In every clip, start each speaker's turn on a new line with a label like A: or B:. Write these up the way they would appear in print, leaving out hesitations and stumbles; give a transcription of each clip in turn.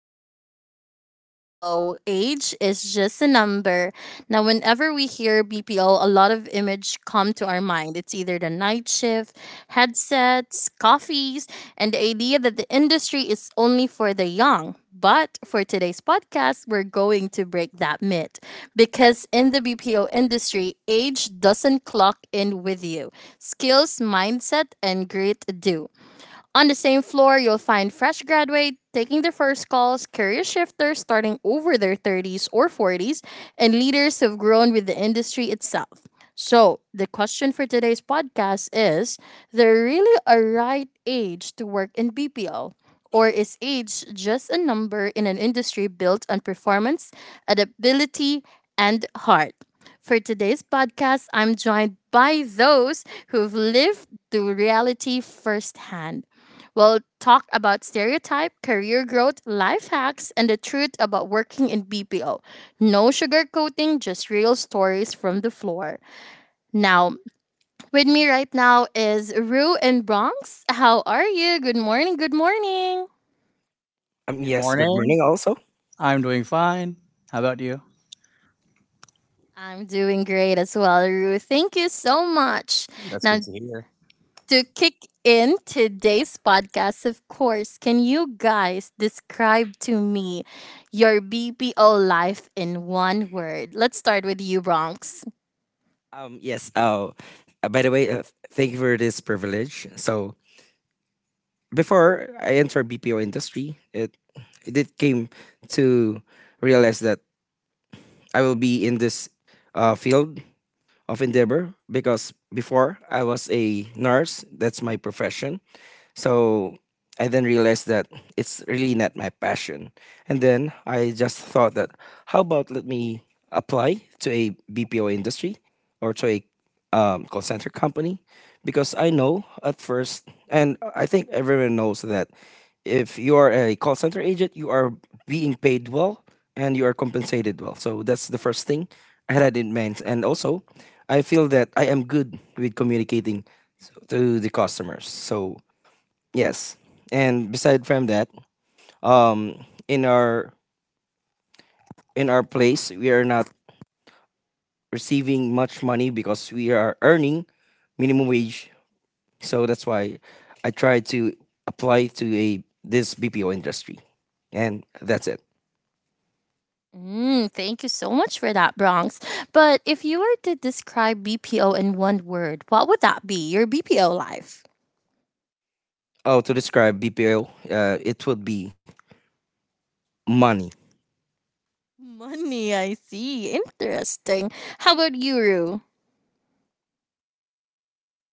A: Life in BPO. Age is just a number. Now, whenever we hear BPO, a lot of image come to our mind. It's either the night shift, headsets, coffees, and the idea that the industry is only for the young. But for today's podcast, we're going to break that myth because in the BPO industry, age doesn't clock in with you. Skills, mindset, and grit do. On the same floor, you'll find fresh graduates taking their first calls, career shifters starting over their 30s or 40s, and leaders who've grown with the industry itself. So, the question for today's podcast is there really a right age to work in BPO? Or is age just a number in an industry built on performance, adaptability, and heart? For today's podcast, I'm joined by those who've lived the reality firsthand. We'll talk about stereotype, career growth, life hacks, and the truth about working in BPO. No sugarcoating, just real stories from the floor. Now, with me right now is Rue and Bronx. How are you? Good morning. Good morning.
B: Good
C: Yes, good
B: morning.
C: morning also.
B: I'm doing fine. How about you?
A: I'm doing great as well, Rue. Thank you so much.
B: That's
A: Now,
B: good to hear.
A: to kick in today's podcast, of course, can you guys describe to me your BPO life in one word? Let's start with you, Bronx.
C: Um, yes, oh, by the way, thank you for this privilege. So before I entered BPO industry, it did came to realize that I will be in this field of endeavor because before I was a nurse, that's my profession. So I then realized that it's really not my passion. And then I just thought that how about let me apply to a BPO industry or to a call center company because I know at first, and I think everyone knows that if you are a call center agent, you are being paid well and you are compensated well. So that's the first thing I had in mind. And also, I feel that I am good with communicating to the customers. So yes, and beside from that, um, in our in our place, we are not receiving much money because we are earning minimum wage. So that's why I try to apply to a this BPO industry, and that's it.
A: Mm, thank you so much for that, Bronx. But if you were to describe BPO in one word, what would that be? Your BPO life?
C: Oh, to describe BPO, it would be money.
A: Money, I see. Interesting. How about you, Rue?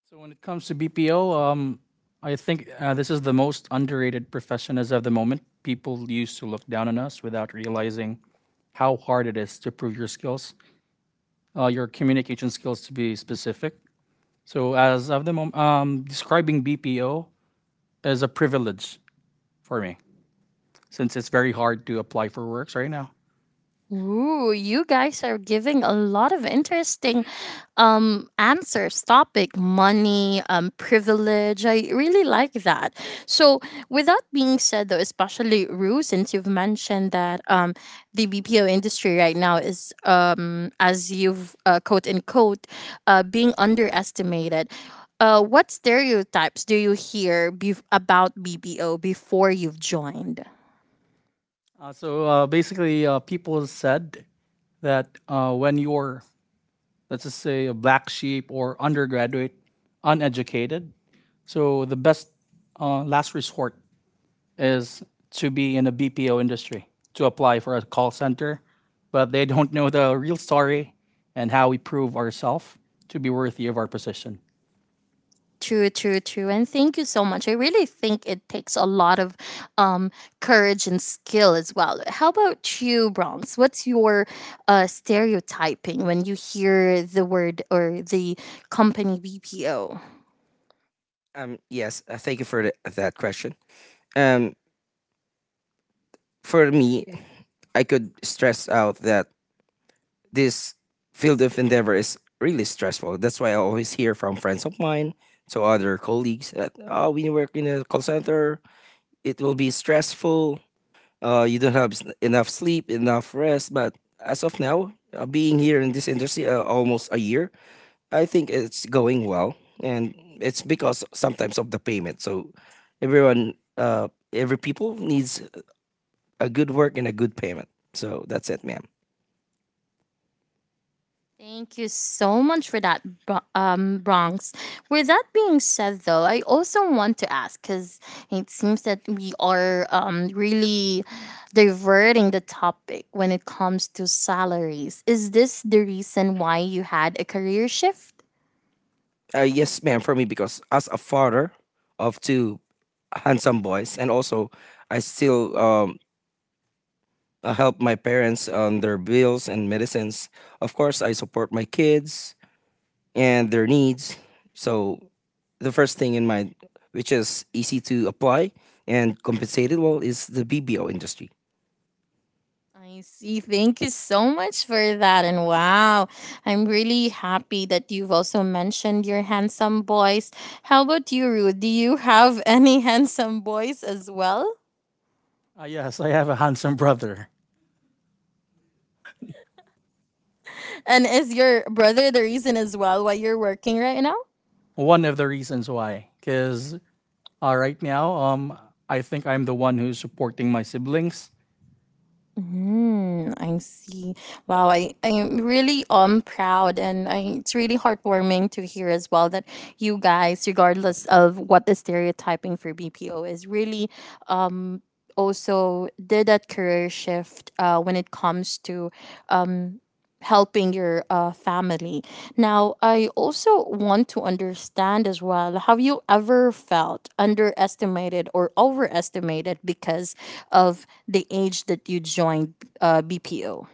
B: So when it comes to BPO, I think this is the most underrated profession as of the moment. People used to look down on us without realizing how hard it is to prove your skills, your communication skills to be specific. So as of the moment, describing BPO is a privilege for me since it's very hard to apply for works right now.
A: Ooh, you guys are giving a lot of interesting answers. Topic money, privilege. I really like that. So, with that being said, though, especially Rue, since you've mentioned that the BPO industry right now is, as you've quote unquote, being underestimated. What stereotypes do you hear about BPO before you've joined?
B: Basically, people said that when you're, let's just say, a black sheep or undergraduate, uneducated. So the best last resort is to be in the BPO industry, to apply for a call center, but they don't know the real story and how we prove ourselves to be worthy of our position.
A: True, true, true. And thank you so much. I really think it takes a lot of um, courage and skill as well. How about you, Bronx? What's your stereotyping when you hear the word or the company BPO?
C: Yes, thank you for that question. Um, for me, I could stress out that this field of endeavor is really stressful. That's why I always hear from friends of mine to other colleagues that oh, when you work in a call center, it will be stressful. You don't have enough sleep, enough rest. But as of now, being here in this industry almost a year, I think it's going well, and it's because sometimes of the payment. So everyone, every people needs a good work and a good payment. So that's it, ma'am.
A: Thank you so much for that, Bronx. With that being said, though, I also want to ask because it seems that we are really diverting the topic when it comes to salaries. Is this the reason why you had a career shift?
C: Yes, ma'am, for me, because as a father of two handsome boys, and also I still help my parents on their bills and medicines. Of course, I support my kids and their needs. So, the first thing in mind, which is easy to apply and compensated well, is the BBO industry.
A: I see. Thank you so much for that. And wow, I'm really happy that you've also mentioned your handsome boys. How about you, Ruth? Do you have any handsome boys as well?
B: Yes, I have a handsome brother.
A: And is your brother the reason as well why you're working right now?
B: One of the reasons why, because right now, I think I'm the one who's supporting my siblings.
A: Mm, I see. Wow, I'm really proud and it's really heartwarming to hear as well that you guys, regardless of what the stereotyping for BPO is, really um also did that career shift when it comes to um helping your family. Now, I also want to understand as well, have you ever felt underestimated or overestimated because of the age that you joined BPO?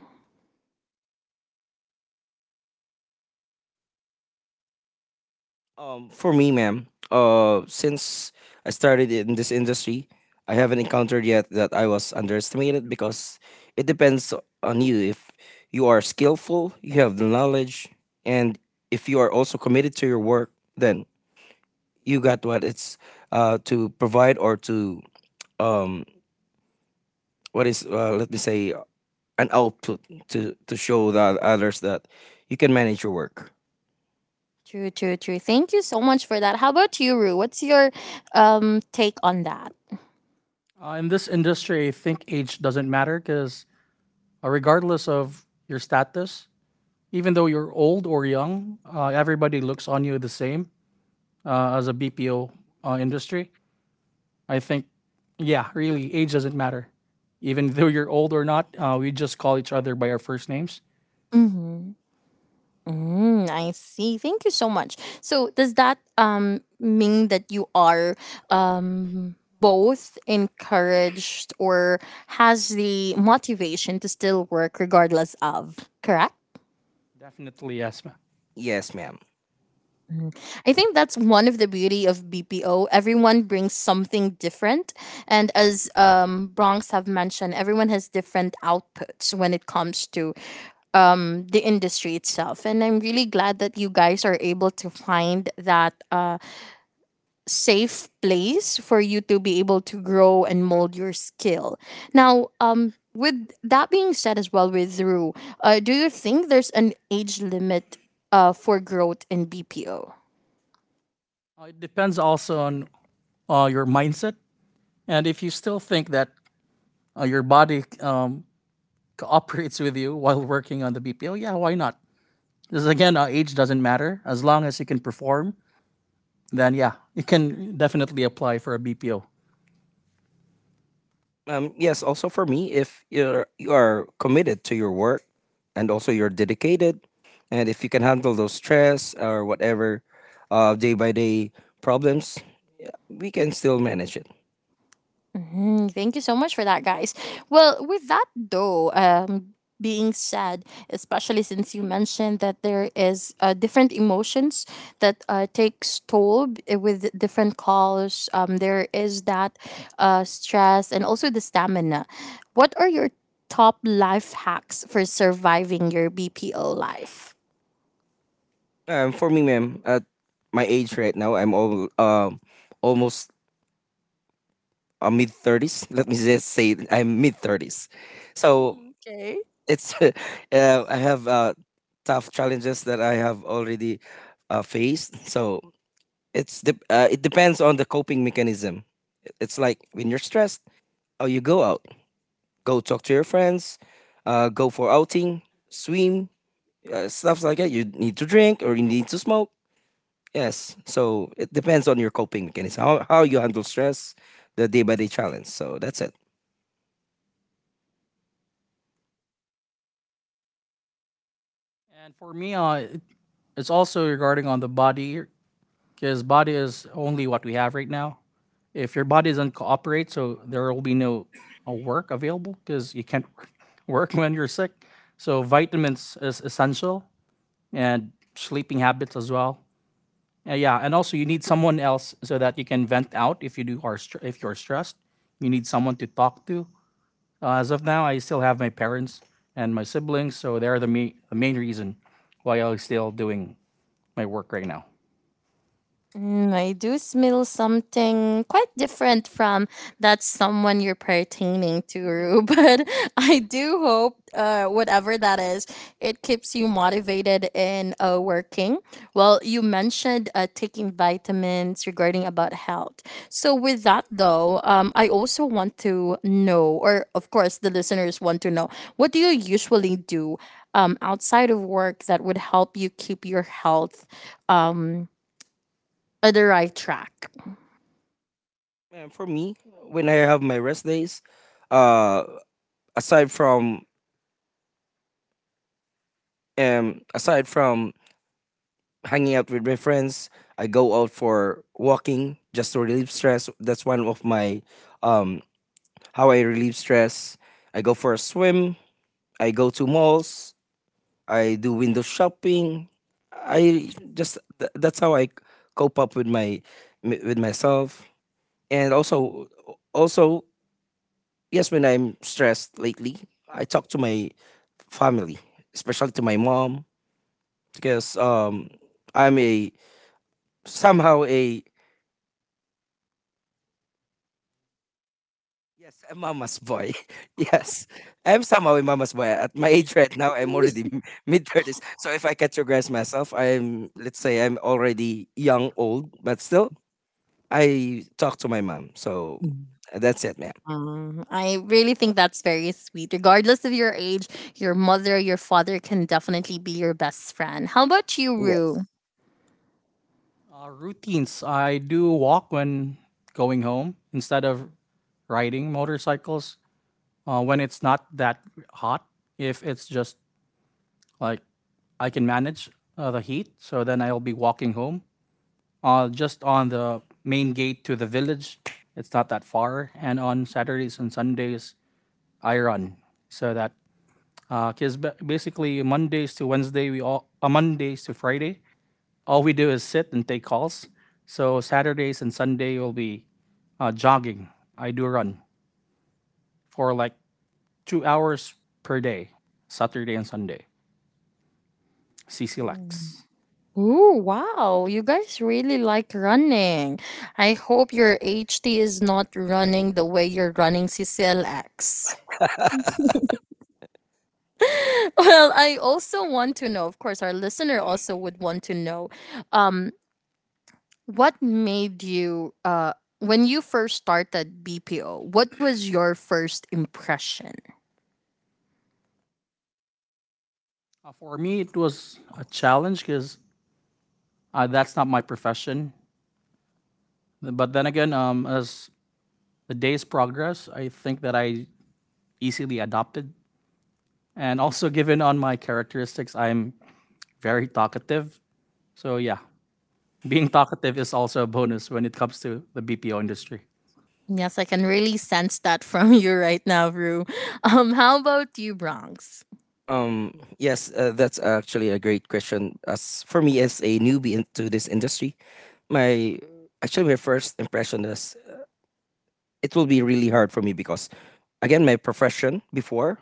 C: For me, ma'am, since I started in this industry, I haven't encountered yet that I was underestimated because it depends on you. If you are skillful, you have the knowledge, and if you are also committed to your work, then you got what it's to provide or to um, what is let me say an output to show the others that you can manage your work.
A: True, true, true. Thank you so much for that. How about you, Rue? What's your take on that?
B: In this industry, I think age doesn't matter because, regardless of your status, even though you're old or young, everybody looks on you the same, as a BPO industry. I think, yeah, really, age doesn't matter. Even though you're old or not, we just call each other by our first names.
A: Mm-hmm. Mm, I see. Thank you so much. So does that mean that you are um both encouraged or has the motivation to still work regardless of, correct?
B: Definitely, yes, ma'am.
C: Yes, ma'am.
A: Mhm. I think that's one of the beauty of BPO. Everyone brings something different, and as Bronx have mentioned, everyone has different outputs when it comes to the industry itself. And I'm really glad that you guys are able to find that safe place for you to be able to grow and mold your skill. Now, with that being said, as well with Rue, do you think there's an age limit for growth in BPO?
B: It depends also on your mindset. And if you still think that your body cooperates with you while working on the BPO, yeah, why not? Because again, age doesn't matter. As long as you can perform, then yeah, you can definitely apply for a BPO.
C: Yes, also for me, if you are committed to your work and also you're dedicated, and if you can handle those stress or whatever day by day problems, we can still manage it.
A: Mhm, thank you so much for that, guys. Well, with that though, being said, especially since you mentioned that there is different emotions that takes toll with different calls. There is that stress and also the stamina. What are your top life hacks for surviving your BPO life?
C: For me, ma'am, at my age right now, I'm all almost mid thirties. Let me just say I'm mid thirties, so
A: Okay.
C: it's I have tough challenges that I have already faced. So it depends on the coping mechanism. It's like when you're stressed, oh, you go out, go talk to your friends, go for outing, swim, stuff like that. You need to drink or you need to smoke. Yes, so it depends on your coping mechanism, how you handle stress, the day by day challenge. So that's it.
B: And for me, it's also regarding on the body because body is only what we have right now. If your body doesn't cooperate, so there will be no work available because you can't work when you're sick. So vitamins is essential, and sleeping habits as well. Yeah, and also you need someone else so that you can vent out if you if you're stressed. You need someone to talk to. As of now, I still have my parents and my siblings, so the main reason why I'm still doing my work right now.
A: Mm, I do smell something quite different from that someone you're pertaining to, but I do hope whatever that is, it keeps you motivated in working. Well, you mentioned taking vitamins regarding about health. So with that though, I also want to know, or of course the listeners want to know, what do you usually do outside of work that would help you keep your health um, on the right track.
C: And for me, when I have my rest days, uh, aside from um, aside from hanging out with my friends. I go out for walking just to relieve stress. That's one of my um how I relieve stress. I go for a swim. I go to malls. I do window shopping. That's how I cope up with my with myself. And also, also, yes, when I'm stressed lately, I talk to my family, especially to my mom. Because I'm a somehow a Yes, I'm mama's boy. Yes, I'm somehow a mama's boy. At my age right now, I'm already mid thirties. So if I categorize myself, I'm let's say I'm already young, old, but still I talk to my mom. So that's it, ma'am.
A: Mhm. I really think that's very sweet. Regardless of your age, your mother, your father can definitely be your best friend. How about you,
C: Yes.
A: Rue?
B: Routines, I do walk when going home instead of riding motorcycles when it's not that hot. If it's just like I can manage the heat, so then I'll be walking home, just on the main gate to the village. It's not that far. And on Saturdays and Sundays, I run, so that, because basically Mondays to Friday, all we do is sit and take calls. So Saturdays and Sunday will be jogging. I do run for like 2 hours per day, Saturday and Sunday. CC Lex.
A: Ooh, wow. You guys really like running. I hope your HT is not running the way you're running CCLX. Well, I also want to know, of course, our listener also would want to know, um, What made you when you first started BPO, what was your first impression?
B: For me, it was a challenge because that's not my profession. But then again, as the days progress, I think that I easily adopted. And also, given on my characteristics, I'm very talkative. So yeah, being talkative is also a bonus when it comes to the BPO industry.
A: Yes, I can really sense that from you right now, Rue. How about you, Bronx?
C: Yes. That's actually a great question. As for me, as a newbie into this industry, my my first impression is it will be really hard for me because again my profession before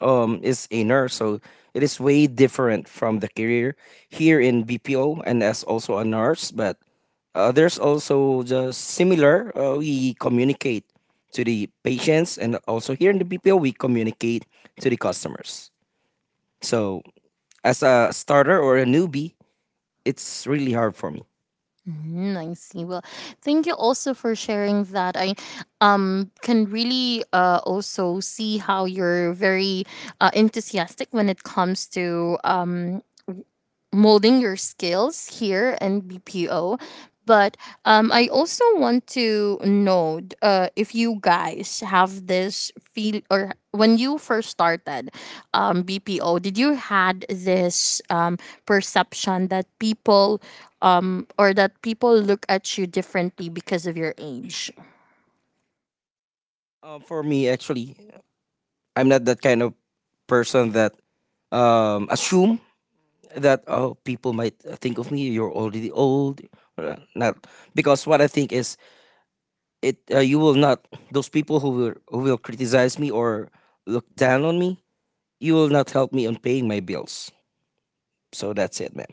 C: is a nurse. So it is way different from the career here in BPO, and as also a nurse, but there's also just similar. Uh, we communicate to the patients, and also here in the BPO we communicate to the customers. So as a starter or a newbie, it's really hard for me.
A: Mm, I see. Well, thank you also for sharing that. I can really also see how you're very enthusiastic when it comes to molding your skills here in BPO. But I also want to know if you guys have this feel or when you first started BPO, did you had this perception that people, or that people look at you differently because of your age?
C: For me actually, I'm not that kind of person that assume that oh, people might think of me, you're already old. Uh, not because what I think is, it you will not. Those people who will criticize me or look down on me, you will not help me on paying my bills. So that's it, man.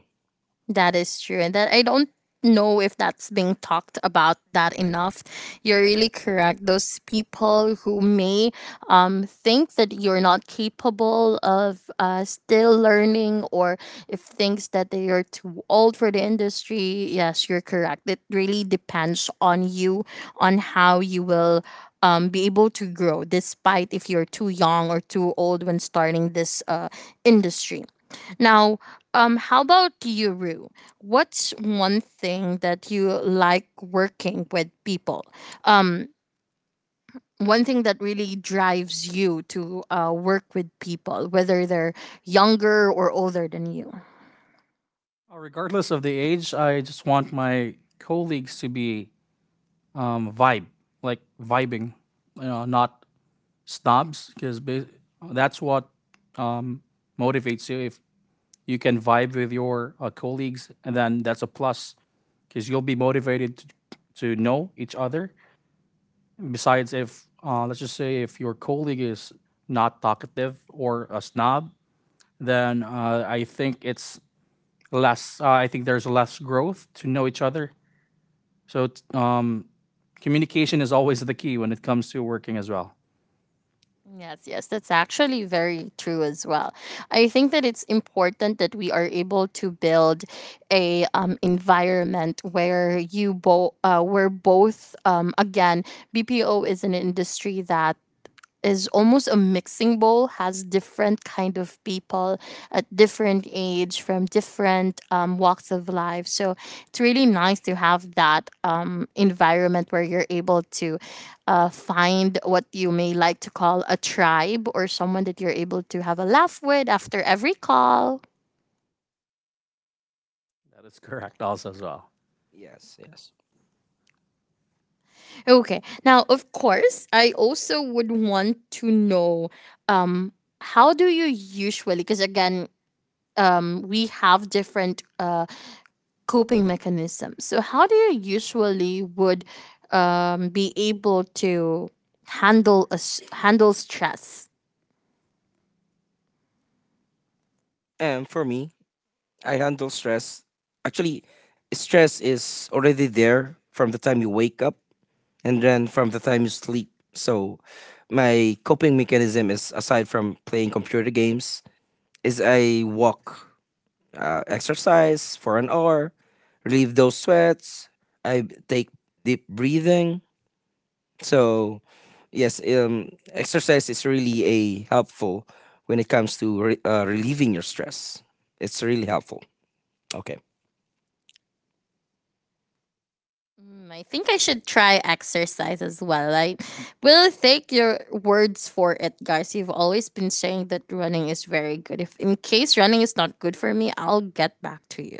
A: That is true. And that I don't know if that's being talked about that enough. You're really correct. Those people who may think that you're not capable of still learning, or if thinks that they are too old for the industry, yes, you're correct. It really depends on you, on how you will be able to grow despite if you're too young or too old when starting this industry. Now, how about you, Rue? What's one thing that you like working with people? Um, One thing that really drives you to work with people, whether they're younger or older than you.
B: Regardless of the age, I just want my colleagues to be, vibe, like vibing, you know, not snobs, because that's what um, motivates you. If you can vibe with your colleagues, and then that's a plus because you'll be motivated to know each other. Besides, if, let's just say if your colleague is not talkative or a snob, then I think it's less. I think there's less growth to know each other. So communication is always the key when it comes to working as well.
A: Yes, yes, that's actually very true as well. I think that it's important that we are able to build a environment where you both where both, again, BPO is an industry that is almost a mixing bowl, has different kind of people at different age from different walks of life, so it's really nice to have that environment where you're able to find what you may like to call a tribe, or someone that you're able to have a laugh with after every call.
B: That is correct, also as well.
C: Yes, yes.
A: Okay, now, of course, I also would want to know, um, how do you usually, because again, we have different coping mechanism. So how do you usually would be able to handle handle stress?
C: And for me, I handle stress. Actually, stress is already there from the time you wake up and then from the time you sleep. So my coping mechanism is, aside from playing computer games, is I walk, exercise for an hour, relieve those sweats. I take deep breathing. So, yes, exercise is really a helpful when it comes to relieving your stress. It's really helpful. Okay.
A: Mm, I think I should try exercise as well. I will take your words for it, guys. You've always been saying that running is very good. If in case running is not good for me, I'll get back to you.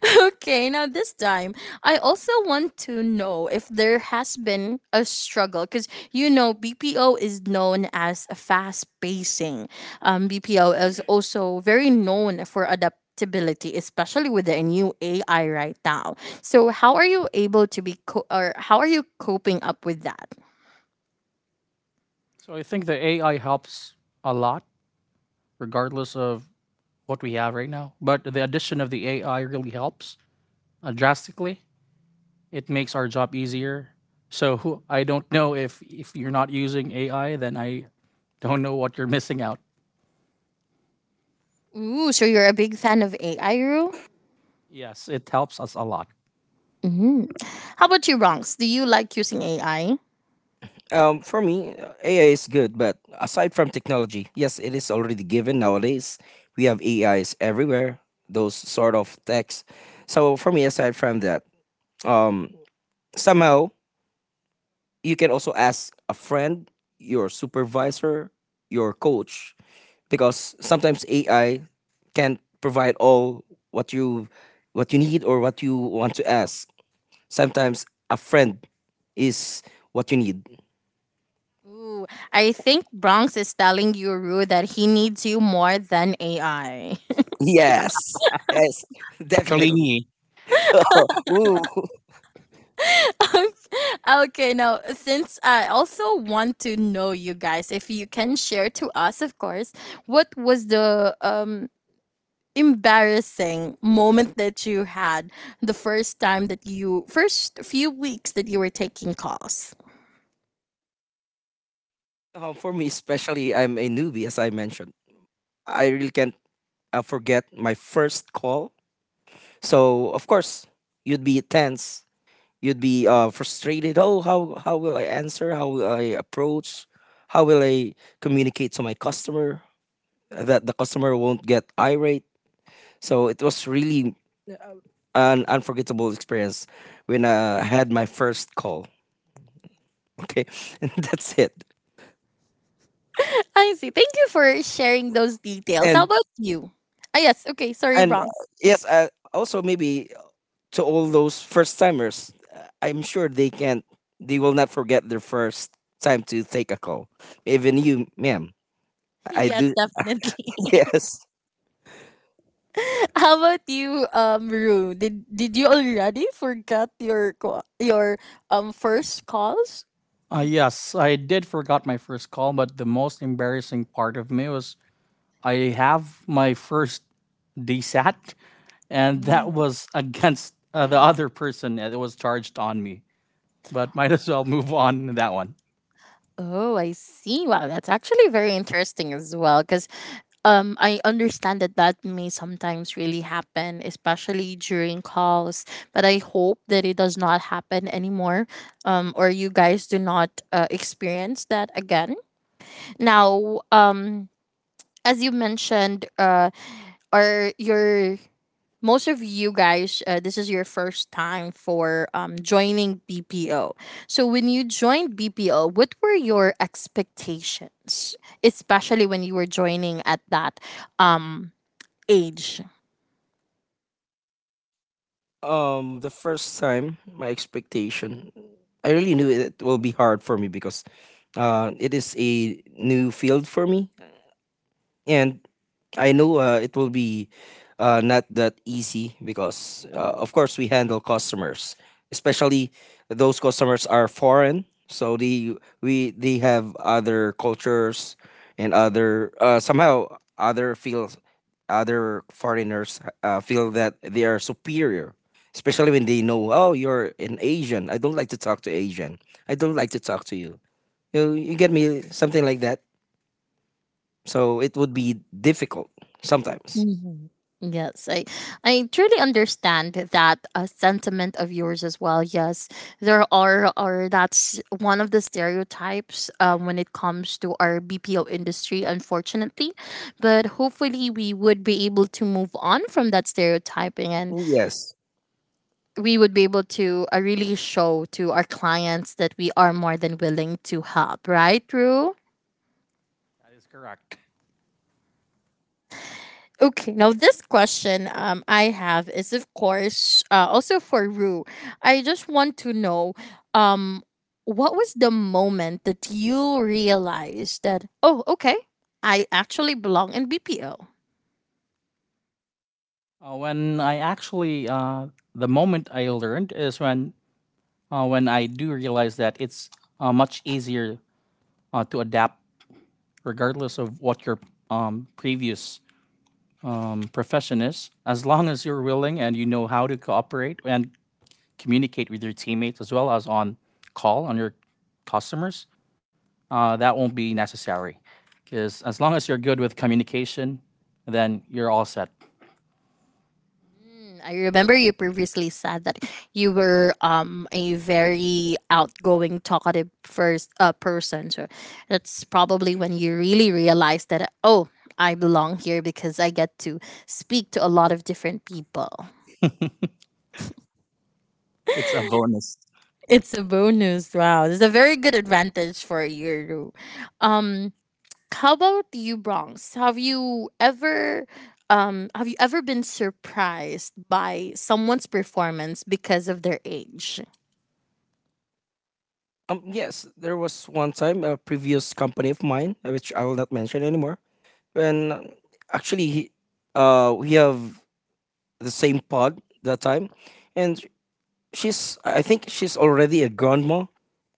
A: Okay, now this time, I also want to know if there has been a struggle because you know BPO is known as a fast pacing. BPO is also very known for adaptability, especially with the new AI right now. So, how are you able to be co- or how are you coping up with that?
B: So I think the AI helps a lot regardless of what we have right now. But the addition of the AI really helps drastically. It makes our job easier. I don't know if you're not using AI, then I don't know what you're missing out.
A: Ooh, so you're a big fan of AI, Rue?
B: Yes, it helps us a lot.
A: Mm-hmm. How about you, Ronks? Do you like using AI?
C: For me, AI is good, but aside from technology, yes, it is already given nowadays. We have AIs everywhere. Those sort of texts. So for me, aside from that, um, somehow you can also ask a friend, your supervisor, your coach, because sometimes AI can't provide all what you what you need or what you want to ask. Sometimes a friend is what you need.
A: Ooh, I think Bronx is telling you, Rue, that he needs you more than AI.
C: Yes, yes, definitely. Ooh.
A: Okay, now, since I also want to know, you guys, if you can share to us, of course, what was the embarrassing moment that you had the first time that you first few weeks that you were taking calls?
C: For me, especially, I'm a newbie, as I mentioned. I really can't forget my first call. So, of course, you'd be tense. You'd be frustrated. Oh, how will I answer? How will I approach? How will I communicate to my customer that the customer won't get irate? So it was really an unforgettable experience when I had my first call. Okay, and that's it.
A: I see, thank you for sharing those details. How
C: And
A: about you, ah yes, okay, sorry,
C: and
A: Bronx.
C: yes, also maybe to all those first timers, I'm sure they will not forget their first time to take a call. Even you, ma'am. I
A: Yes,
C: do.
A: definitely.
C: Yes.
A: How about you, Rue? Did you already forget your your first calls?
B: Yes, I did forgot my first call, but the most embarrassing part of me was I have my first DSAT, and that
A: Mm.
B: was against the other person that was charged on me. But might as well move on that one.
A: Oh, I see. Wow, that's actually very interesting as well. Because I understand that that may sometimes really happen, especially during calls. But I hope that it does not happen anymore, or you guys do not experience that again. Now, as you mentioned, are your most of you guys, this is your first time for joining BPO. So, when you joined BPO, what were your expectations, especially when you were joining at that um, age?
C: The first time, my expectation, I really knew it will be hard for me because it is a new field for me, and I know it will be not that easy because, of course, we handle customers, especially those customers are foreign. So they have other cultures, and other somehow other feels, other foreigners feel that they are superior, especially when they know, oh, you're an Asian. I don't like to talk to Asian. I don't like to talk to you. You get me, something like that, so it would be difficult sometimes.
A: Mhm. Yes, I truly understand that sentiment of yours as well. Yes, there are that's one of the stereotypes when it comes to our BPO industry, unfortunately. But hopefully, we would be able to move on from that stereotyping, and
C: Oh, yes.
A: we would be able to really show to our clients that we are more than willing to help. Right, Rue?
B: That is correct.
A: Okay, now this question I have is, of course, also for Rue. I just want to know um, what was the moment that you realized that, oh, okay, I actually belong in BPO?
B: Uh, when I actually, uh, the moment I learned is when, when I do realize that it's much easier to adapt, regardless of what your previous profession is, as long as you're willing and you know how to cooperate and communicate with your teammates, as well as on call, on your customers. That won't be necessary, because as long as you're good with communication, then you're all set.
A: I remember you previously said that you were a very outgoing, talkative first person. So that's probably when you really realized that, oh, I belong here because I get to speak to a lot of different people.
B: It's a bonus.
A: It's a bonus. Wow. That's a very good advantage for you. Um how about you, Bronx? Have you ever been surprised by someone's performance because of their age?
C: Yes, there was one time a previous company of mine, which I will not mention anymore, when actually, we have the same pod that time, and she's I think she's already a grandma,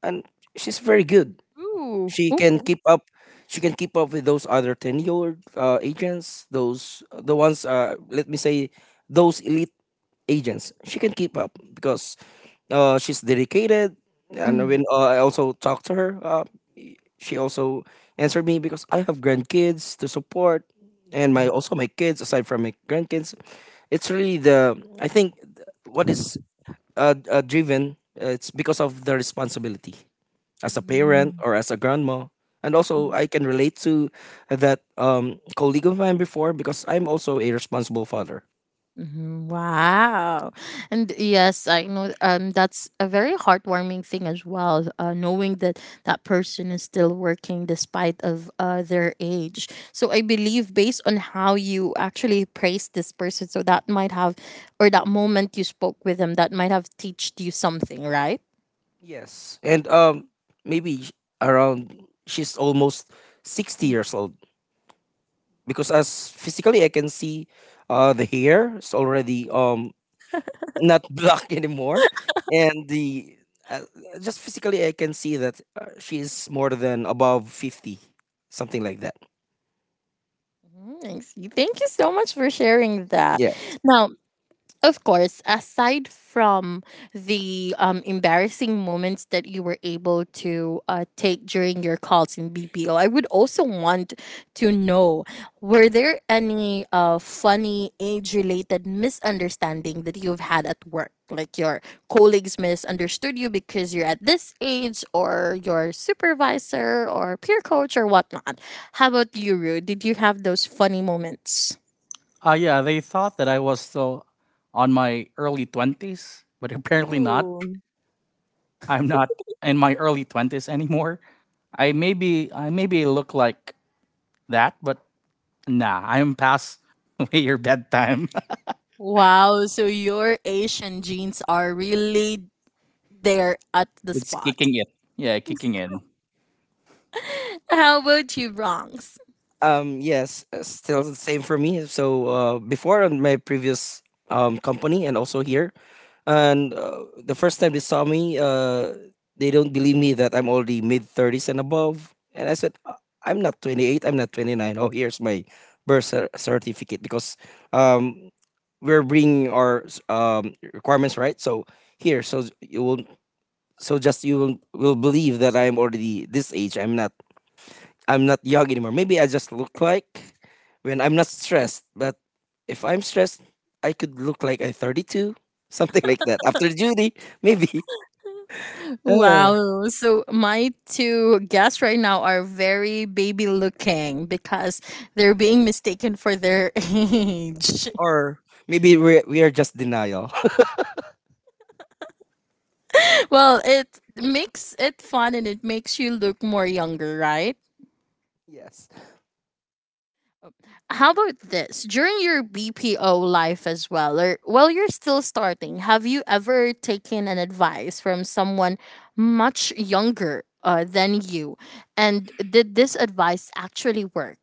C: and she's very good.
A: Ooh.
C: She can
A: Ooh.
C: keep up. She can keep up with those other 10-year agents, those the ones. Let me say those elite agents. She can keep up because she's dedicated. And when I also talked to her, she also answered me because I have grandkids to support, and my kids aside from my grandkids. It's really the, I think, what is driven, it's because of the responsibility as a parent
A: Mm.
C: or as a grandma. And also, I can relate to that colleague of mine before because I'm also a responsible father.
A: Mhm. Wow. And yes, I know that's a very heartwarming thing as well, knowing that that person is still working despite of their age. So I believe based on how you actually praised this person, so that might have or that moment you spoke with them, that might have teached you something, right?
C: Yes, and maybe around, she's almost 60 years old, because as physically I can see, the hair is already not black anymore, and the uh, just physically I can see that she is more than above 50, something like that.
A: Mhm. I see. Thank you so much for sharing that.
C: Yes.
A: Now, of course, aside from the embarrassing moments that you were able to take during your calls in BPO, I would also want to know, were there any funny age related misunderstanding that you've had at work? Like your colleagues misunderstood you because you're at this age, or your supervisor, or peer coach, or whatnot. How about you, Rue? Did you have those funny moments?
B: Yeah, they thought that I was still on my early 20s, but apparently not.
A: Ooh.
B: I'm not in my early 20s anymore. I maybe look like that, but nah, I'm past your bedtime.
A: Wow, so your Asian genes are really there at the
B: It's
A: spot.
B: kicking in. Yeah, kicking in.
A: How about you, Bronx?
C: Yes, still the same for me. So before on my previous company and also here, and the first time they saw me, they don't believe me that I'm already mid thirties and above. And I said, I'm not 28. I'm not 29. Oh, here's my certificate because um, we're bringing our requirements, right? So here, so so just you will believe that I'm already this age. I'm not young anymore. Maybe I just look like when I'm not stressed. But if I'm stressed, I could look like a 32, something like that. After Judy, maybe." Uh,
A: Wow, so my two guests right now are very baby looking because they're being mistaken for their age.
C: or maybe we are just denial.
A: Well, it makes it fun and it makes you look more younger, right?
C: Yes.
A: How about this? During your BPO life as well, or while you're still starting, have you ever taken an advice from someone much younger than you? And did this advice actually work?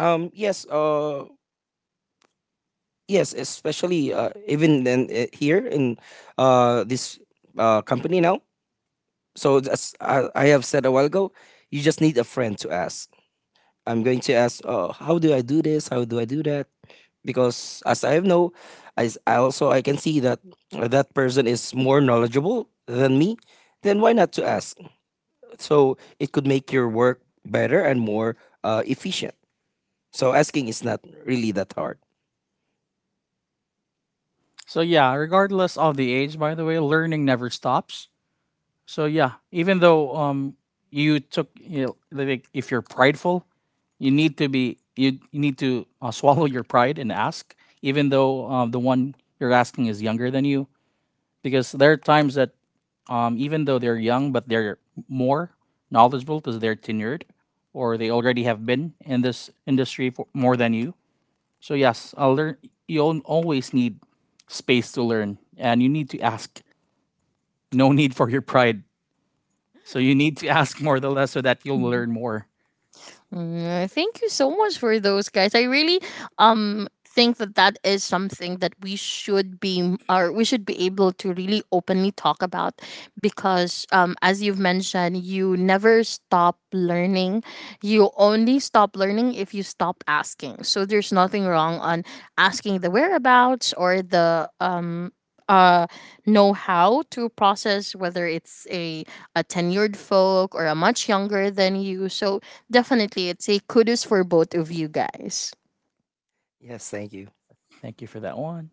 C: Yes. Yes. Especially even then here in this company now. So as I have said a while ago, you just need a friend to ask. I'm going to ask, oh, how do I do this? How do I do that? Because as I know, I also I can see that that person is more knowledgeable than me. Then why not to ask? So it could make your work better and more efficient. So asking is not really that hard.
B: So yeah, regardless of the age, by the way, learning never stops. So yeah, even though, you took, you know, like, if you're prideful, you need to swallow your pride and ask, even though, the one you're asking is younger than you, because there are times that, even though they're young, but they're more knowledgeable because they're tenured, or they already have been in this industry for more than you. So yes, I'll learn. You'll always need space to learn, and you need to ask. No need for your pride, so you need to ask more the less so that you'll learn more.
A: Thank you so much for those guys. I really think that that is something that we should be able to really openly talk about, because as you've mentioned, you never stop learning. You only stop learning if you stop asking. So there's nothing wrong on asking the whereabouts or the uh know how to process, whether it's a tenured folk or a much younger than you. So definitely, it's a kudos for both of you guys.
C: Yes, thank you.
B: Thank you for that one.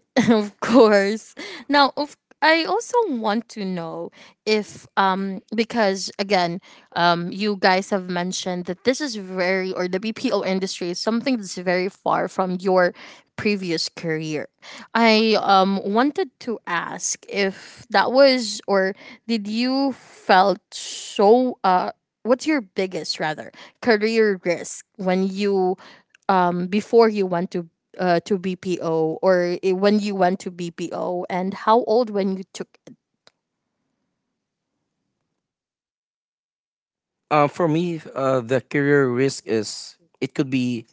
A: Of course. Now, of I also want to know if because again, you guys have mentioned that this is very or the BPO industry is something that's very far from your previous career. I wanted to ask if that was or did you felt so, what's your biggest rather career risk when you before you went to BPO, or when you went to BPO and how old when you took.
C: For me, the career risk is it could be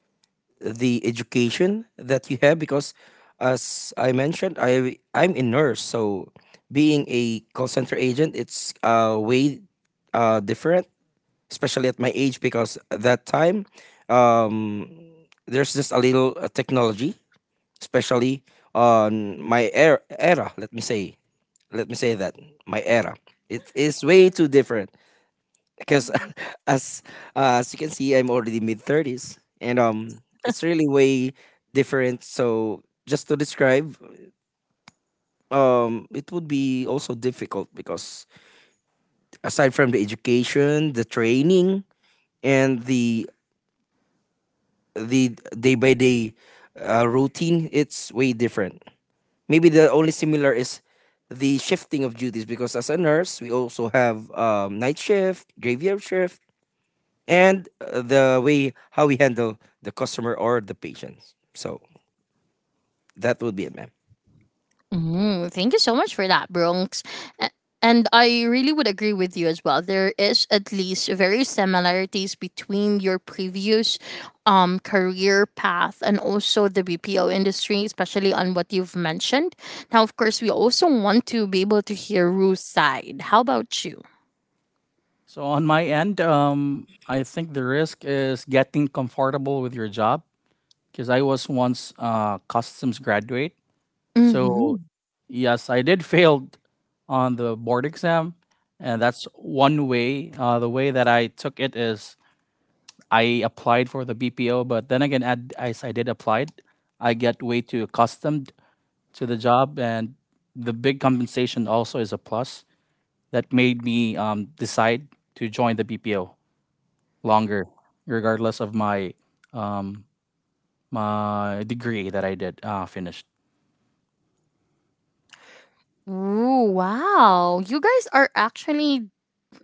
C: the education that you have because as I mentioned, I'm a nurse, so being a call center agent, it's way different, especially at my age because at that time, um, there's just a little technology, especially on my era. Let me say that my era. It is way too different because
A: Mm-hmm.
C: as as you can see I'm already mid 30s, and it's really way different. So just to describe, it would be also difficult because aside from the education, the training, and the day by day routine, it's way different. Maybe the only similar is the shifting of duties because as a nurse we also have night shift, graveyard shift, and the way how we handle the customer or the patients. So that would be it, ma'am.
A: Thank you so much for that, Bronx. A- And I really would agree with you as well. There is at least very similarities between your previous career path and also the BPO industry, especially on what you've mentioned. Now, of course, we also want to be able to hear Ruth's side. How about you?
B: So on my end, I think the risk is getting comfortable with your job because I was once a customs graduate.
A: Mm-hmm.
B: So yes, I did fail on the board exam, and that's one way. The way that I took it is I applied for the BPO, but then again, as I did applied, I get way too accustomed to the job, and the big compensation also is a plus that made me decide to join the BPO longer, regardless of my, um, my degree that I did finished.
A: Ooh, wow. You guys are actually,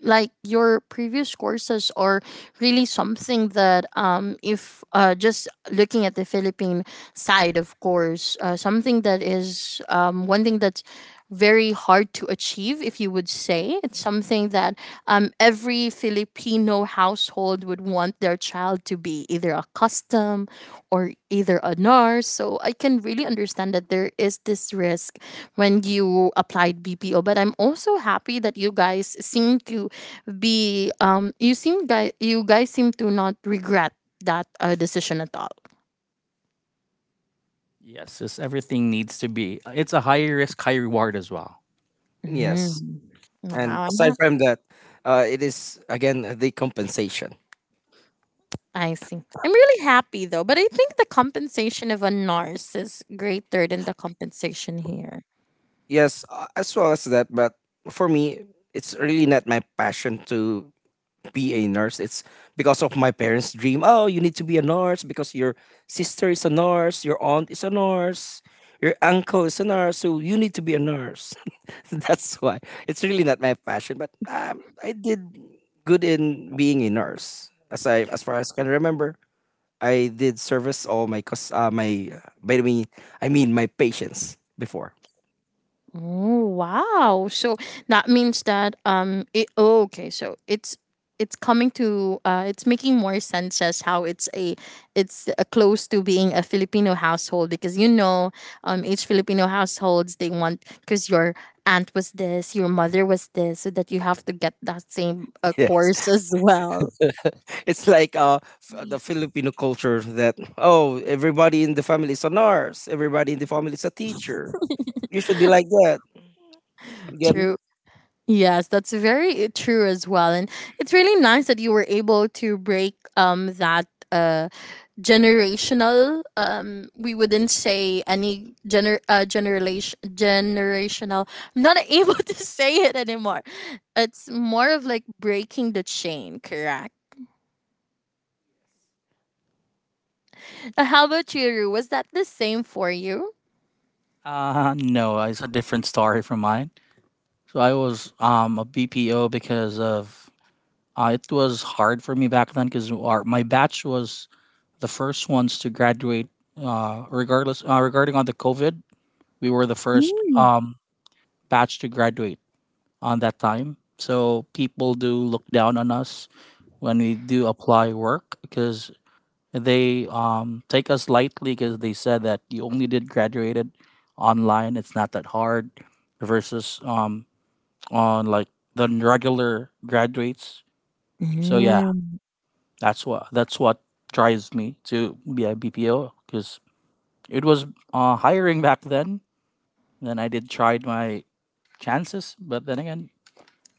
A: like, your previous courses are really something that, if, just looking at the Philippine side of course, something that is, one thing that's very hard to achieve, if you would say it's something that, every Filipino household would want their child to be either a custom or either a nurse. So I can really understand that there is this risk when you applied BPO, but I'm also happy that you guys seem to be you seem guy you guys seem to not regret that decision at all.
B: Yes, everything needs to be. It's a high risk, high reward as well.
C: Yes.
A: Mm.
C: And
A: Wow,
C: aside from that, it is again the compensation.
A: I see. I'm really happy though, but I think the compensation of a nurse is greater than the compensation here.
C: Yes, as well as that. But for me, it's really not my passion to be a nurse. It's because of my parents' dream. Oh, you need to be a nurse because your sister is a nurse, your aunt is a nurse, your uncle is a nurse, so you need to be a nurse. That's why. It's really not my passion, but I did good in being a nurse. As I as far as I can remember, I did service all my cus- my by the way, I mean my patients before.
A: Oh wow! So that means that it, oh, okay, so it's coming to it's making more sense as how it's a it's close to being a Filipino household, because each Filipino households, they want because your aunt was this, your mother was this, so that you have to get that same
C: Yes.
A: course as well.
C: It's like the Filipino culture that oh everybody in the family is a nurse, everybody in the family is a teacher. You should be like that. You get me?
A: True. Yes, that's very true as well, and it's really nice that you were able to break that uh, generational, we wouldn't say any gener generation generational, I'm not able to say it anymore. It's more of like breaking the chain, correct? How about you, Ru? Was that the same for you?
B: No, it's a different story from mine. So I was a BPO because of, it was hard for me back then because our my batch was the first ones to graduate. Regarding on the COVID, we were the first,
A: Mm.
B: batch to graduate on that time. So people do look down on us when we do apply work because they, take us lightly because they said that you only did graduated online. It's not that hard versus, on like the regular graduates. So yeah,
A: Mm,
B: That's what drives me to be a BPO because it was hiring back then. Then I did tried my chances, but then again,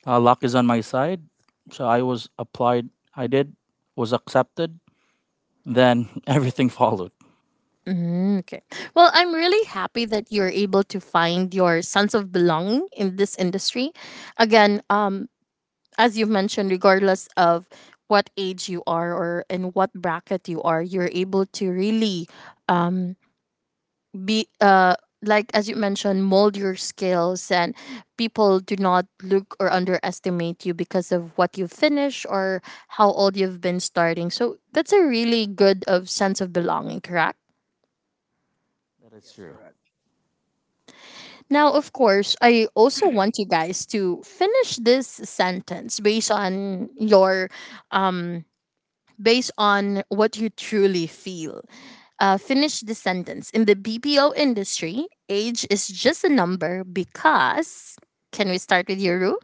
B: luck is on my side. So I was applied. I did was accepted. Then everything followed.
A: mm, okay. Well, I'm really happy that you're able to find your sense of belonging in this industry. Again, as you've mentioned, regardless of what age you are or in what bracket you are, you're able to really um, be, like as you mentioned, mold your skills, and people do not look or underestimate you because of what you finish or how old you've been starting. So that's a really good of sense of belonging, correct?
B: That is
C: Yes,
B: true.
C: correct.
A: Now, of course, I also want you guys to finish this sentence based on what you truly feel. Finish the sentence. In the BPO industry, age is just a number because. Can we start with your rule?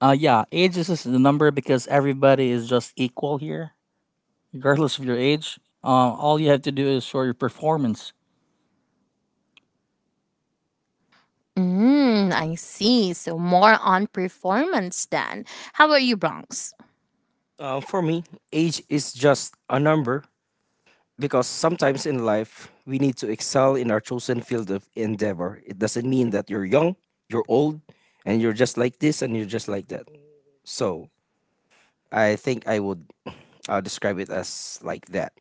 B: Yeah, age is just the number because everybody is just equal here, regardless of your age. All you have to do is show your performance.
A: I see. So more on performance then. How about you, Bronx?
C: For me, age is just a number because sometimes in life we need to excel in our chosen field of endeavor. It doesn't mean that you're young, you're old, and you're just like this and you're just like that. So I think I would describe it as like that.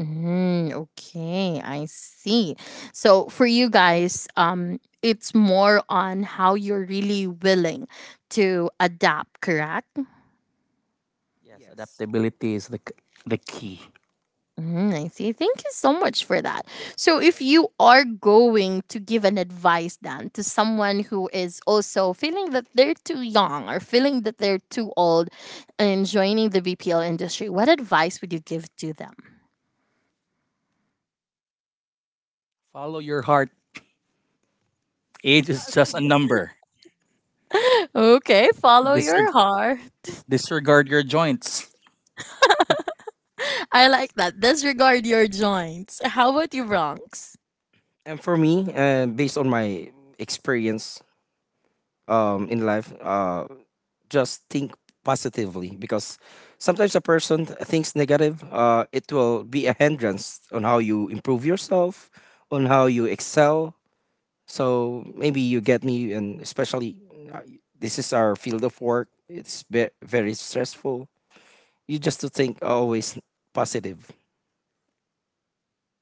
A: Okay, I see. So for you guys, it's more on how you're really willing to adapt, correct?
B: Yes,
C: Yes.
B: adaptability is the key.
A: I see. Thank you so much for that. So, if you are going to give an advice then to someone who is also feeling that they're too young or feeling that they're too old and joining the BPL industry, what advice would you give to them?
B: Follow your heart. Age is just a number.
A: Okay, follow your
B: Disreg-
A: heart.
B: disregard your joints.
A: I like that. Disregard your joints. How about you, Bronx?
C: And for me, based on my experience, in life, just think positively because sometimes a person thinks negative. It will be a hindrance on how you improve yourself, on how you excel. So maybe you get me, and especially uh, this is our field of work. It's very stressful. You just to think always positive.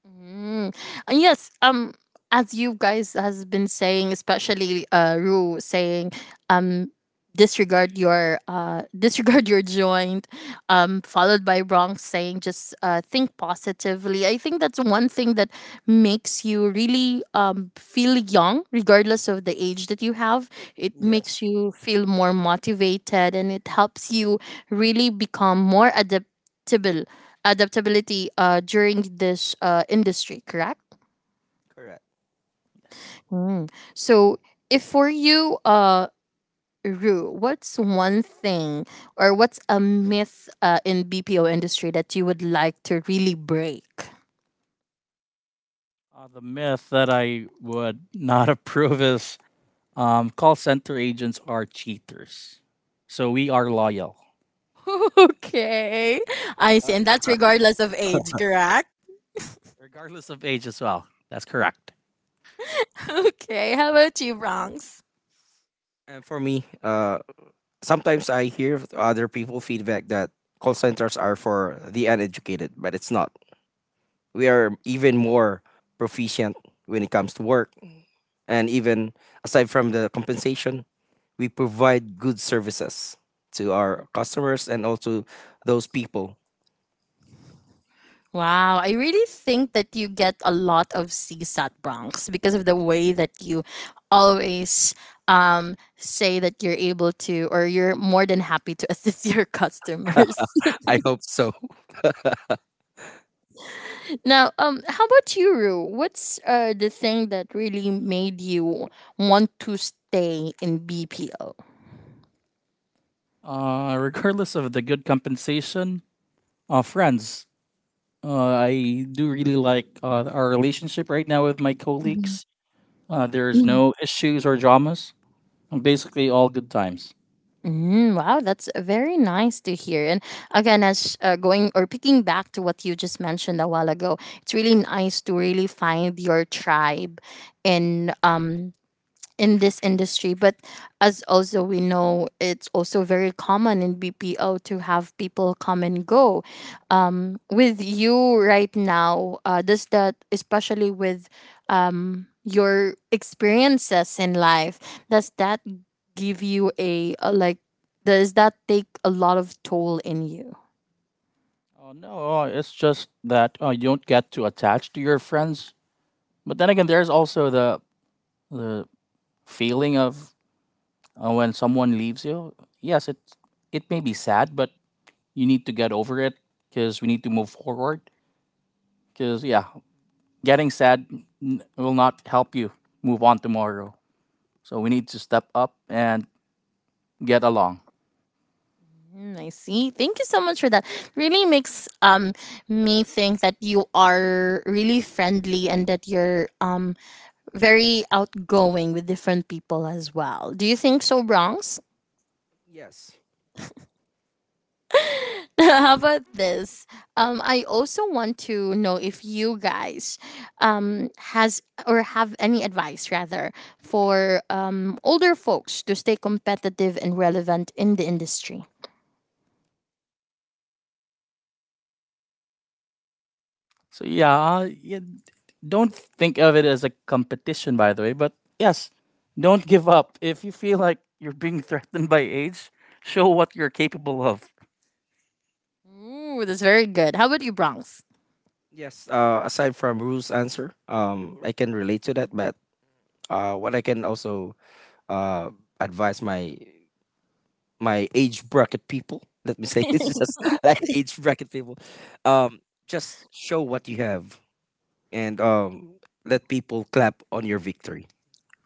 A: Mm. And yes, as you guys has been saying, especially Rue saying, um, disregard your disregard your joint, followed by Bronx saying, just think positively. I think that's one thing that makes you really feel young, regardless of the age that you have. It
C: Yes,
A: makes you feel more motivated, and it helps you really become more adaptable adaptability during this industry, correct?
C: correct.
B: Yes.
A: Mm. So, if for you, Rue, what's one thing or what's a myth in BPO industry that you would like to really break?
B: The myth that I would not approve is, call center agents are cheaters. So we are loyal,
A: Okay, I see, and that's regardless of age, correct?
B: regardless of age as well. That's correct.
A: Okay, how about you, Bronx?
C: And for me, sometimes I hear other people feedback that call centers are for the uneducated, but it's not. We are even more proficient when it comes to work. And even aside from the compensation, we provide good services to our customers and also those people.
A: Wow, I really think that you get a lot of CSAT Bronx because of the way that you always say that you're able to or you're more than happy to assist your customers.
C: I hope so.
A: Now, how about you, Rue? What's the thing that really made you want to stay in BPO?
B: Regardless of the good compensation, friends, I do really like our relationship right now with my colleagues. There's no issues or dramas. Basically, all good times.
A: Wow, that's very nice to hear. And again, as going or picking back to what you just mentioned a while ago, it's really nice to really find your tribe in um in this industry. But as also we know, it's also very common in BPO to have people come and go with you right now, does that, especially with your experiences in life, does that give you a like, does that take a lot of toll in you?
B: Oh no, it's just that you don't get too attached to your friends. But then again, there's also the feeling of, when someone leaves you. Yes, it may be sad, but you need to get over it because we need to move forward. Because yeah, getting sad will not help you move on tomorrow. So we need to step up and get along.
A: I see. Thank you so much for that. Really makes me think that you are really friendly and that you're very outgoing with different people as well. Do you think so, Bronx?
C: Yes.
A: How about this? I also want to know if you guys has or have any advice rather for older folks to stay competitive and relevant in the industry.
B: Yeah, don't think of it as a competition, by the way. But yes, don't give up. If you feel like you're being threatened by age, show what you're capable of.
A: Ooh, that's very good. How about you, Bronx?
C: Yes. Aside from Ruth's answer, I can relate to that. But what I can also uh, advise my my age bracket people, let me say, it's just like age bracket people, um, just show what you have. And let people clap on your victory.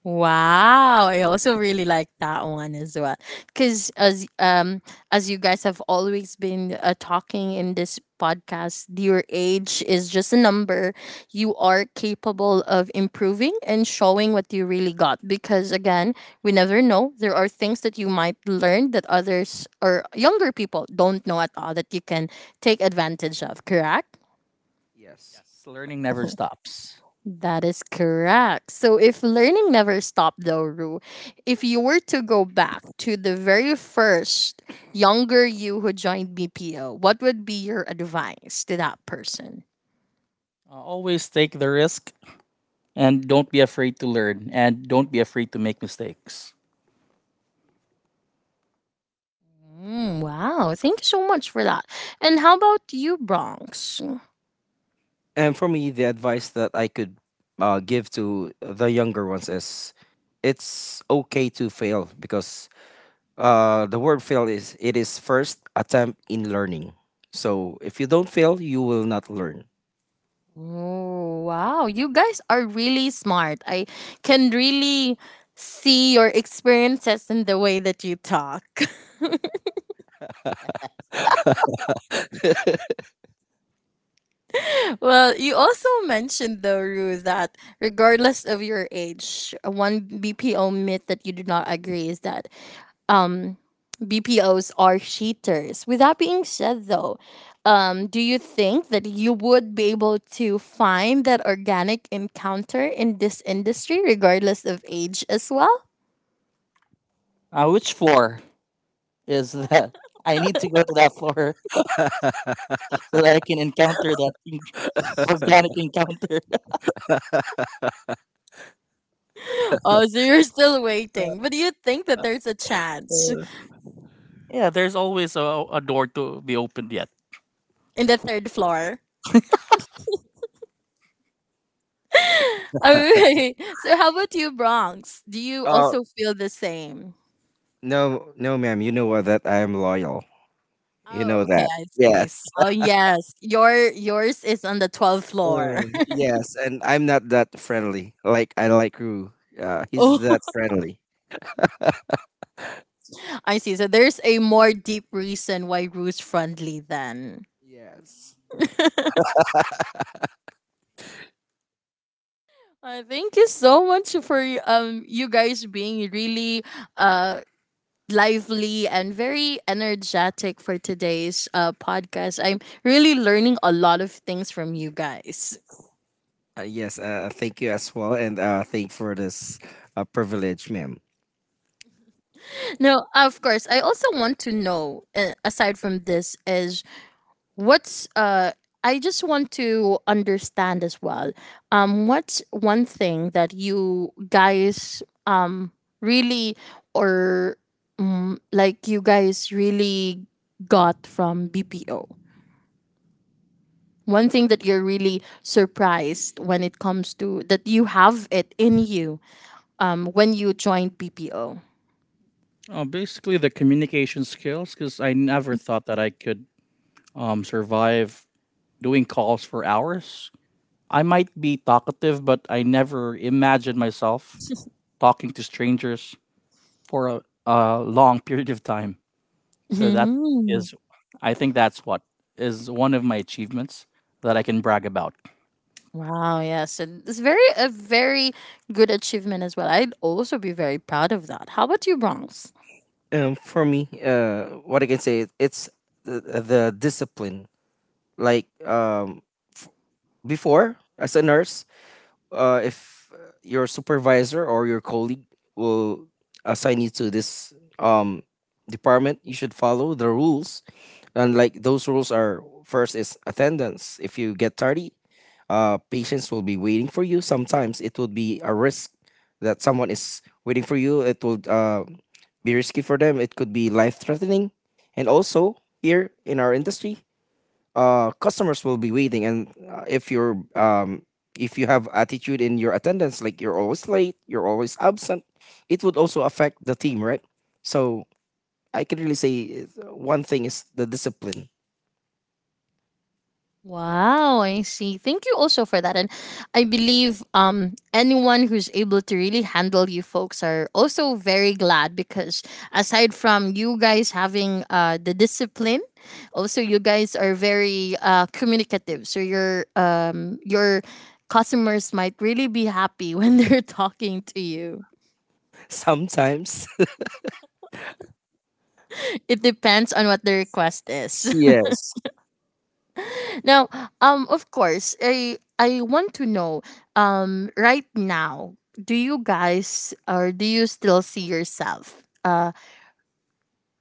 A: Wow, I also really like that one as well. Cuz as you guys have always been talking in this podcast, your age is just a number. You are capable of improving and showing what you really got, because again, we never know. There are things that you might learn that others or younger people don't know at all that you can take advantage of, correct?
C: Yes.
B: Yes, learning never stops.
A: That is correct. So, if learning never stopped, though, Rue, if you were to go back to the very first younger you who joined BPO, what would be your advice to that person?
B: Always take the risk, and don't be afraid to learn, and don't be afraid to make mistakes.
A: Wow. Thank you so much for that. And how about you, Bronx?
C: And for me, the advice that I could give to the younger ones is it's okay to fail because the word fail is it is first attempt in learning. So if you don't fail, you will not learn.
A: Oh, wow. You guys are really smart. I can really see your experiences in the way that you talk. Well, you also mentioned though, Rue, that regardless of your age, one BPO myth that you do not agree is that um BPOs are cheaters. With that being said though, do you think that you would be able to find that organic encounter in this industry regardless of age as well?
B: Which floor is that? I need to go to that floor so that I can encounter that organic encounter.
A: Oh, so you're still waiting. But do you think that there's a chance
B: Yeah, there's always a door to be opened yet.
A: in the third floor? All right. So how about you, Bronx? Do you
C: Uh,
A: also feel the same?
C: no, no, ma'am. You know what? That I am loyal. You
A: Oh,
C: know
A: okay.
C: that.
A: I see. I see.
C: Yes.
A: Oh, yes. Yours is on the 12th floor.
C: Mm, yes, and I'm not that friendly. Like I like Rue. He's that
A: Oh,
C: friendly.
A: I see. So there's a more deep reason why Ruth's friendly then.
C: Yes.
A: Thank you so much for you guys being really uh lively and very energetic for today's podcast. I'm really learning a lot of things from you guys.
C: Yes. Thank you as well, and thank for this privilege, ma'am.
A: No, of course. I also want to know, aside from this, is what's. I just want to understand as well. What's one thing that you guys really or mm like you guys really got from BPO? One thing that you're really surprised when it comes to that you have it in you when you joined BPO.
B: Oh, basically the communication skills, because I never thought that I could, survive doing calls for hours. I might be talkative, but I never imagined myself talking to strangers for a long period of time. So that
A: Mhm.
B: is, I think that's what is one of my achievements that I can brag about.
A: Wow, yes. And it's very a very good achievement as well. I'd also be very proud of that. How about you, Bronx?
C: For me, what I can say, it's the discipline. Like f- before, as a nurse, if your supervisor or your colleague will assign you to this department, you should follow the rules, and like those rules are, first is attendance. If you get tardy, patients will be waiting for you. Sometimes it would be a risk that someone is waiting for you. It would be risky for them. It could be life threatening. And also here in our industry, customers will be waiting, and if you're if you have attitude in your attendance, like you're always late, you're always absent, it would also affect the team, right? So I can really say, one thing is the discipline.
A: Wow, I see. Thank you also for that. And I believe anyone who's able to really handle you folks are also very glad because aside from you guys having the discipline, also you guys are very communicative. So your customers might really be happy when they're talking to you.
C: Sometimes.
A: It depends on what the request is.
C: Yes.
A: Now, of course, I want to know, right now, do you guys or do you still see yourself,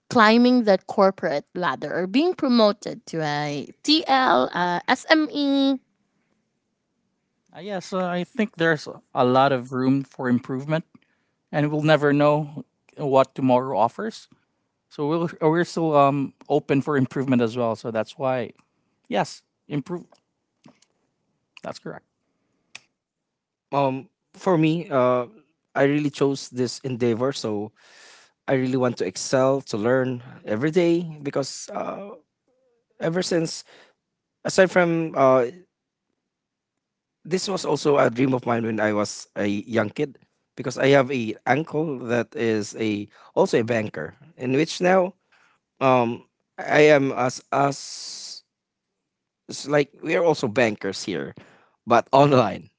A: climbing that corporate ladder or being promoted to a TL, SME?
B: Yes, I think there's a lot of room for improvement, and we'll never know what tomorrow offers. So we're still open for improvement as well. So that's why, yes, improve. That's correct.
C: Um, for me, I really chose this endeavor, so I really want to excel, to learn every day because ever since, aside from this was also a dream of mine when I was a young kid, because I have a uncle that is a also a banker, in which now um I am as us like we are also bankers here, but online,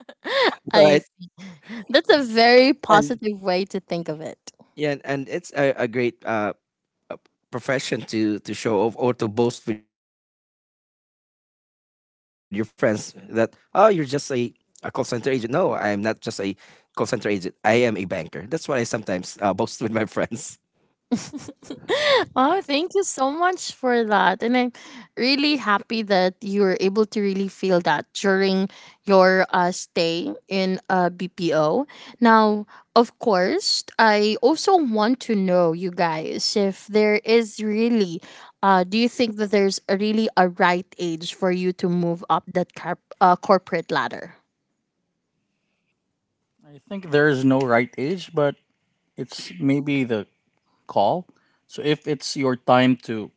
A: I
C: right?
A: see. That's a very
C: And
A: positive way to think of it.
C: yeah, and it's a great uh, profession to show off or to boast with your friends that oh you're just a call center agent. No, I'm not just a call center agent. I am a banker. That's what I sometimes boast with my friends.
A: Oh, thank you so much for that. And I'm really happy that you were able to really feel that during your stay in BPO. Now, of course, I also want to know, you guys, if there is really, do you think that there's a really a right age for you to move up that corporate ladder?
B: I think there is no right age, but it's maybe the call. So if it's your time to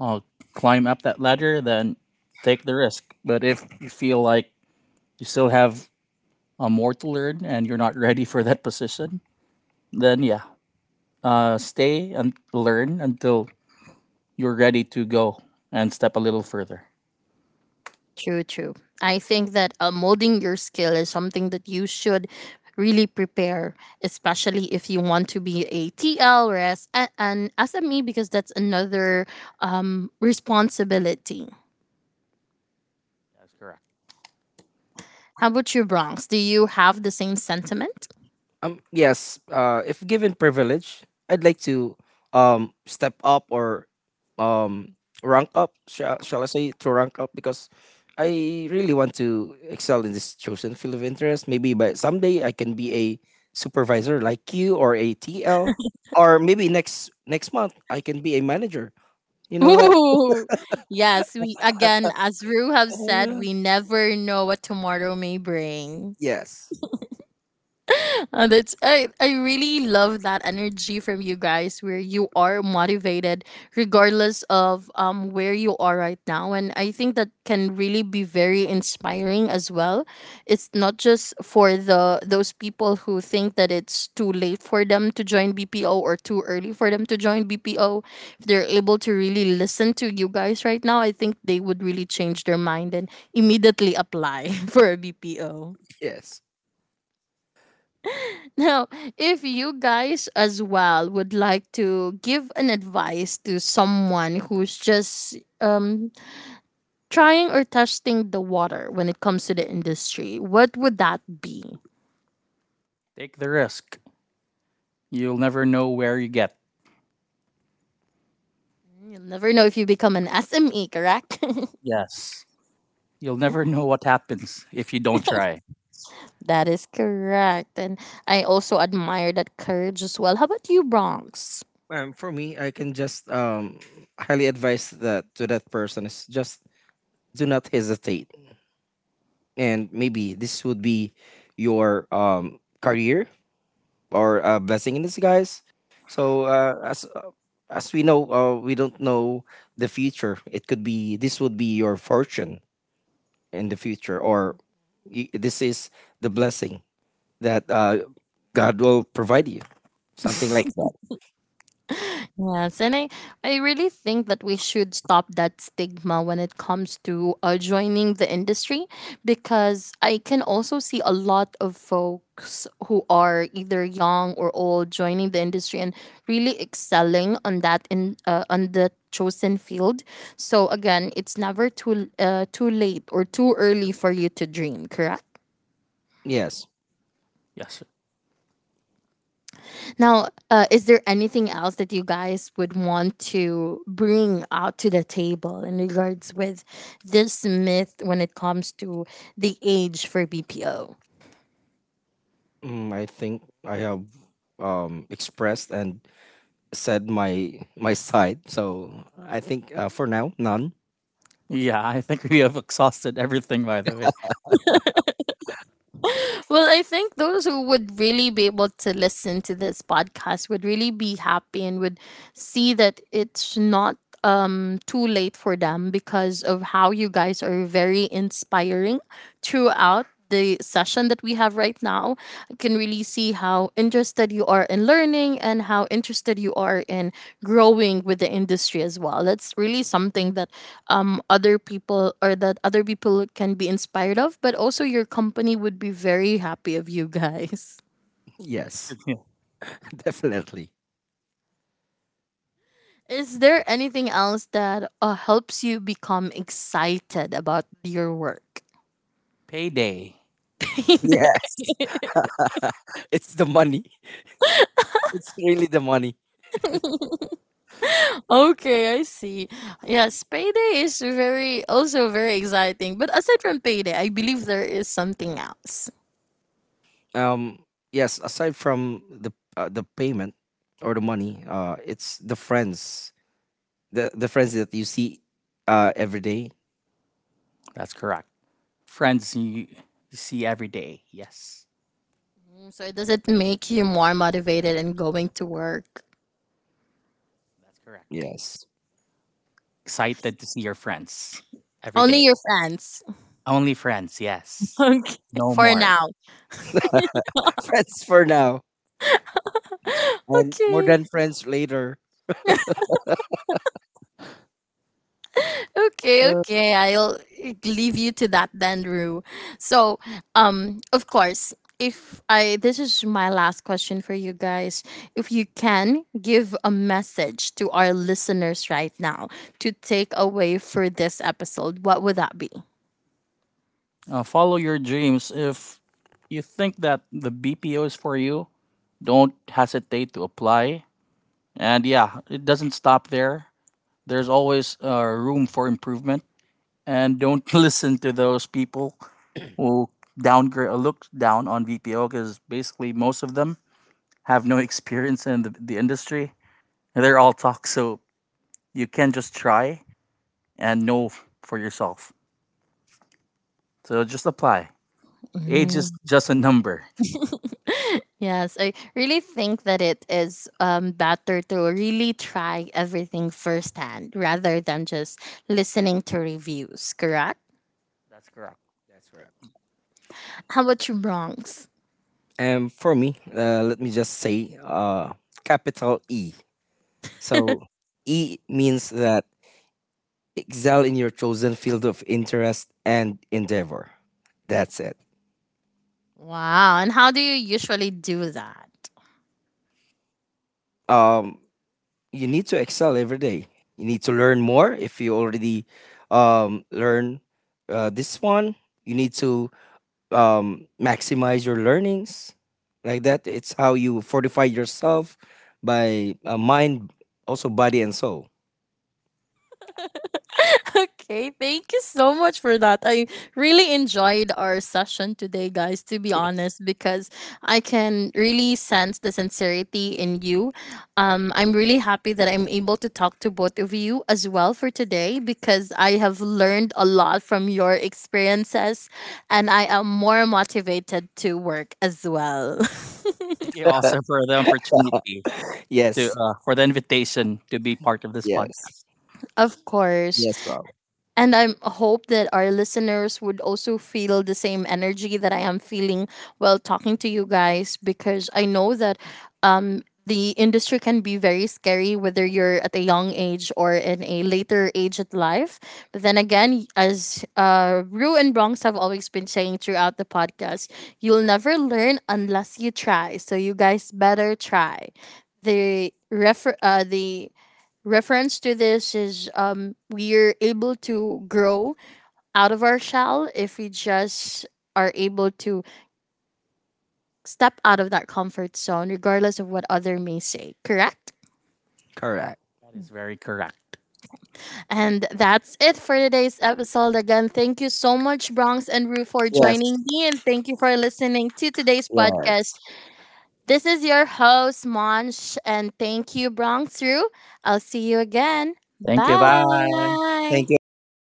B: uh, climb up that ladder, then take the risk. But if you feel like you still have more to learn and you're not ready for that position, then yeah, stay and learn until you're ready to go and step a little further.
A: True, true. I think that molding your skill is something that you should really prepare, especially if you want to be a TL or an SME, because that's another responsibility.
B: That's correct.
A: How about you, Bronx? Do you have the same sentiment?
C: Yes, if given privilege, I'd like to step up or um rank up, shall I say, to rank up because I really want to excel in this chosen field of interest. Maybe by someday I can be a supervisor like you or a TL, or maybe next month I can be a manager. You know that?
A: Ooh, yes. We again, as Rue have
C: Oh,
A: said, we never know what tomorrow may bring.
C: yes,
A: I really love that energy from you guys where you are motivated regardless of where you are right now, and I think that can really be very inspiring as well. It's not just for the those people who think that it's too late for them to join BPO or too early for them to join BPO. If they're able to really listen to you guys right now, I think they would really change their mind and immediately apply for a BPO.
C: yes.
A: Now, if you guys as well would like to give an advice to someone who's just trying or testing the water when it comes to the industry, what would that be?
B: Take the risk. You'll never know where you get.
A: Mm, you'll never know if you become an SME, correct?
B: Yes. You'll never know what happens if you don't try.
A: That is correct. And I also admire that courage as well. How about you, Bronx?
C: For me, I can just highly advise that to that person is just do not hesitate, and maybe this would be your career or a blessing in disguise. So as we know, we don't know the future. It could be this would be your fortune in the future, or this is the blessing that God will provide you, something like that.
A: Yes, and I really think that we should stop that stigma when it comes to joining the industry because I can also see a lot of folks who are either young or old joining the industry and really excelling on that in on the chosen field. So again, it's never too late or too early for you to dream, correct?
C: Yes.
B: Yes.
A: Now, is there anything else that you guys would want to bring out to the table in regards with this myth when it comes to the age for BPO?
C: Mm, I think I have expressed and said my my side, so I think for now, none.
B: Yeah, I think we have exhausted everything, by the way.
A: Well, I think those who would really be able to listen to this podcast would really be happy and would see that it's not too late for them because of how you guys are very inspiring throughout the session that we have right now. I can really see how interested you are in learning and how interested you are in growing with the industry as well. That's really something that other people can be inspired of, but also your company would be very happy of you guys.
C: Yes. Definitely.
A: Is there anything else that helps you become excited about your work?
B: Payday.
C: Yes. It's the money. It's really the money.
A: Okay, I see. Yes, payday is very also very exciting. But aside from payday, I believe there is something else.
C: Um, yes, aside from the payment or the money, it's the friends that you see every day.
B: That's correct. Friends you, you see every day. Yes.
A: Mm, so does it make you more motivated in going to work?
B: That's correct.
C: Yes,
B: Excited to see your friends every
A: Only
B: day.
A: your friends.
B: Only friends, yes.
A: Okay.
B: No
A: For
B: more.
A: now.
C: friends for now, and more
A: Okay.
C: than friends later.
A: Okay,
C: Uh,
A: okay. I'll leave you to that then, Rue. So, of course, if I this is my last question for you guys. If you can give a message to our listeners right now to take away for this episode, what would that be?
B: Follow your dreams. If you think that the BPO is for you, don't hesitate to apply. And yeah, it doesn't stop there. There's always room for improvement. And don't listen to those people who downgrade, look down on VPO because basically most of them have no experience in the industry. They're all talk, so you can just try and know for yourself. So just apply. Age
A: Mm.
B: is just a number.
A: Yes, I really think that it is better to really try everything firsthand rather than just listening to reviews, correct?
B: That's correct.
C: That's correct.
A: How about you, Bronx?
C: And for me, let me just say capital E. So E means that excel in your chosen field of interest and endeavor. That's it.
A: Wow. And how do you usually do that?
C: Um, you need to excel every day. You need to learn more. If you already learn this one, you need to maximize your learnings like that. It's how you fortify yourself by mind, also body and soul.
A: Okay, thank you so much for that. I really enjoyed our session today, guys, to be honest, because I can really sense the sincerity in you. I'm really happy that I'm able to talk to both of you as well for today because I have learned a lot from your experiences and I am more motivated to work as well.
B: Thank you also for the opportunity to,
C: Yes,
B: for the invitation to be part of this
C: yes,
B: podcast.
A: Of course.
C: yes, Rob.
A: And I hope that our listeners would also feel the same energy that I am feeling while talking to you guys because I know that the industry can be very scary whether you're at a young age or in a later age of life. But then again, as Rue and Bronx have always been saying throughout the podcast, you'll never learn unless you try. So you guys better try. The reference to this is we're able to grow out of our shell if we just are able to step out of that comfort zone, regardless of what other may say. Correct?
C: Correct.
B: That is very correct.
A: And that's it for today's episode. Again, thank you so much, Bronx and Rue, for
C: Yes,
A: joining me, and thank you for listening to today's
C: yes.
A: podcast. This is your host, Monch, and thank you, Bronx Rue. I'll see you again.
B: Thank you. Bye.
C: Thank
A: Bye.
C: you as well.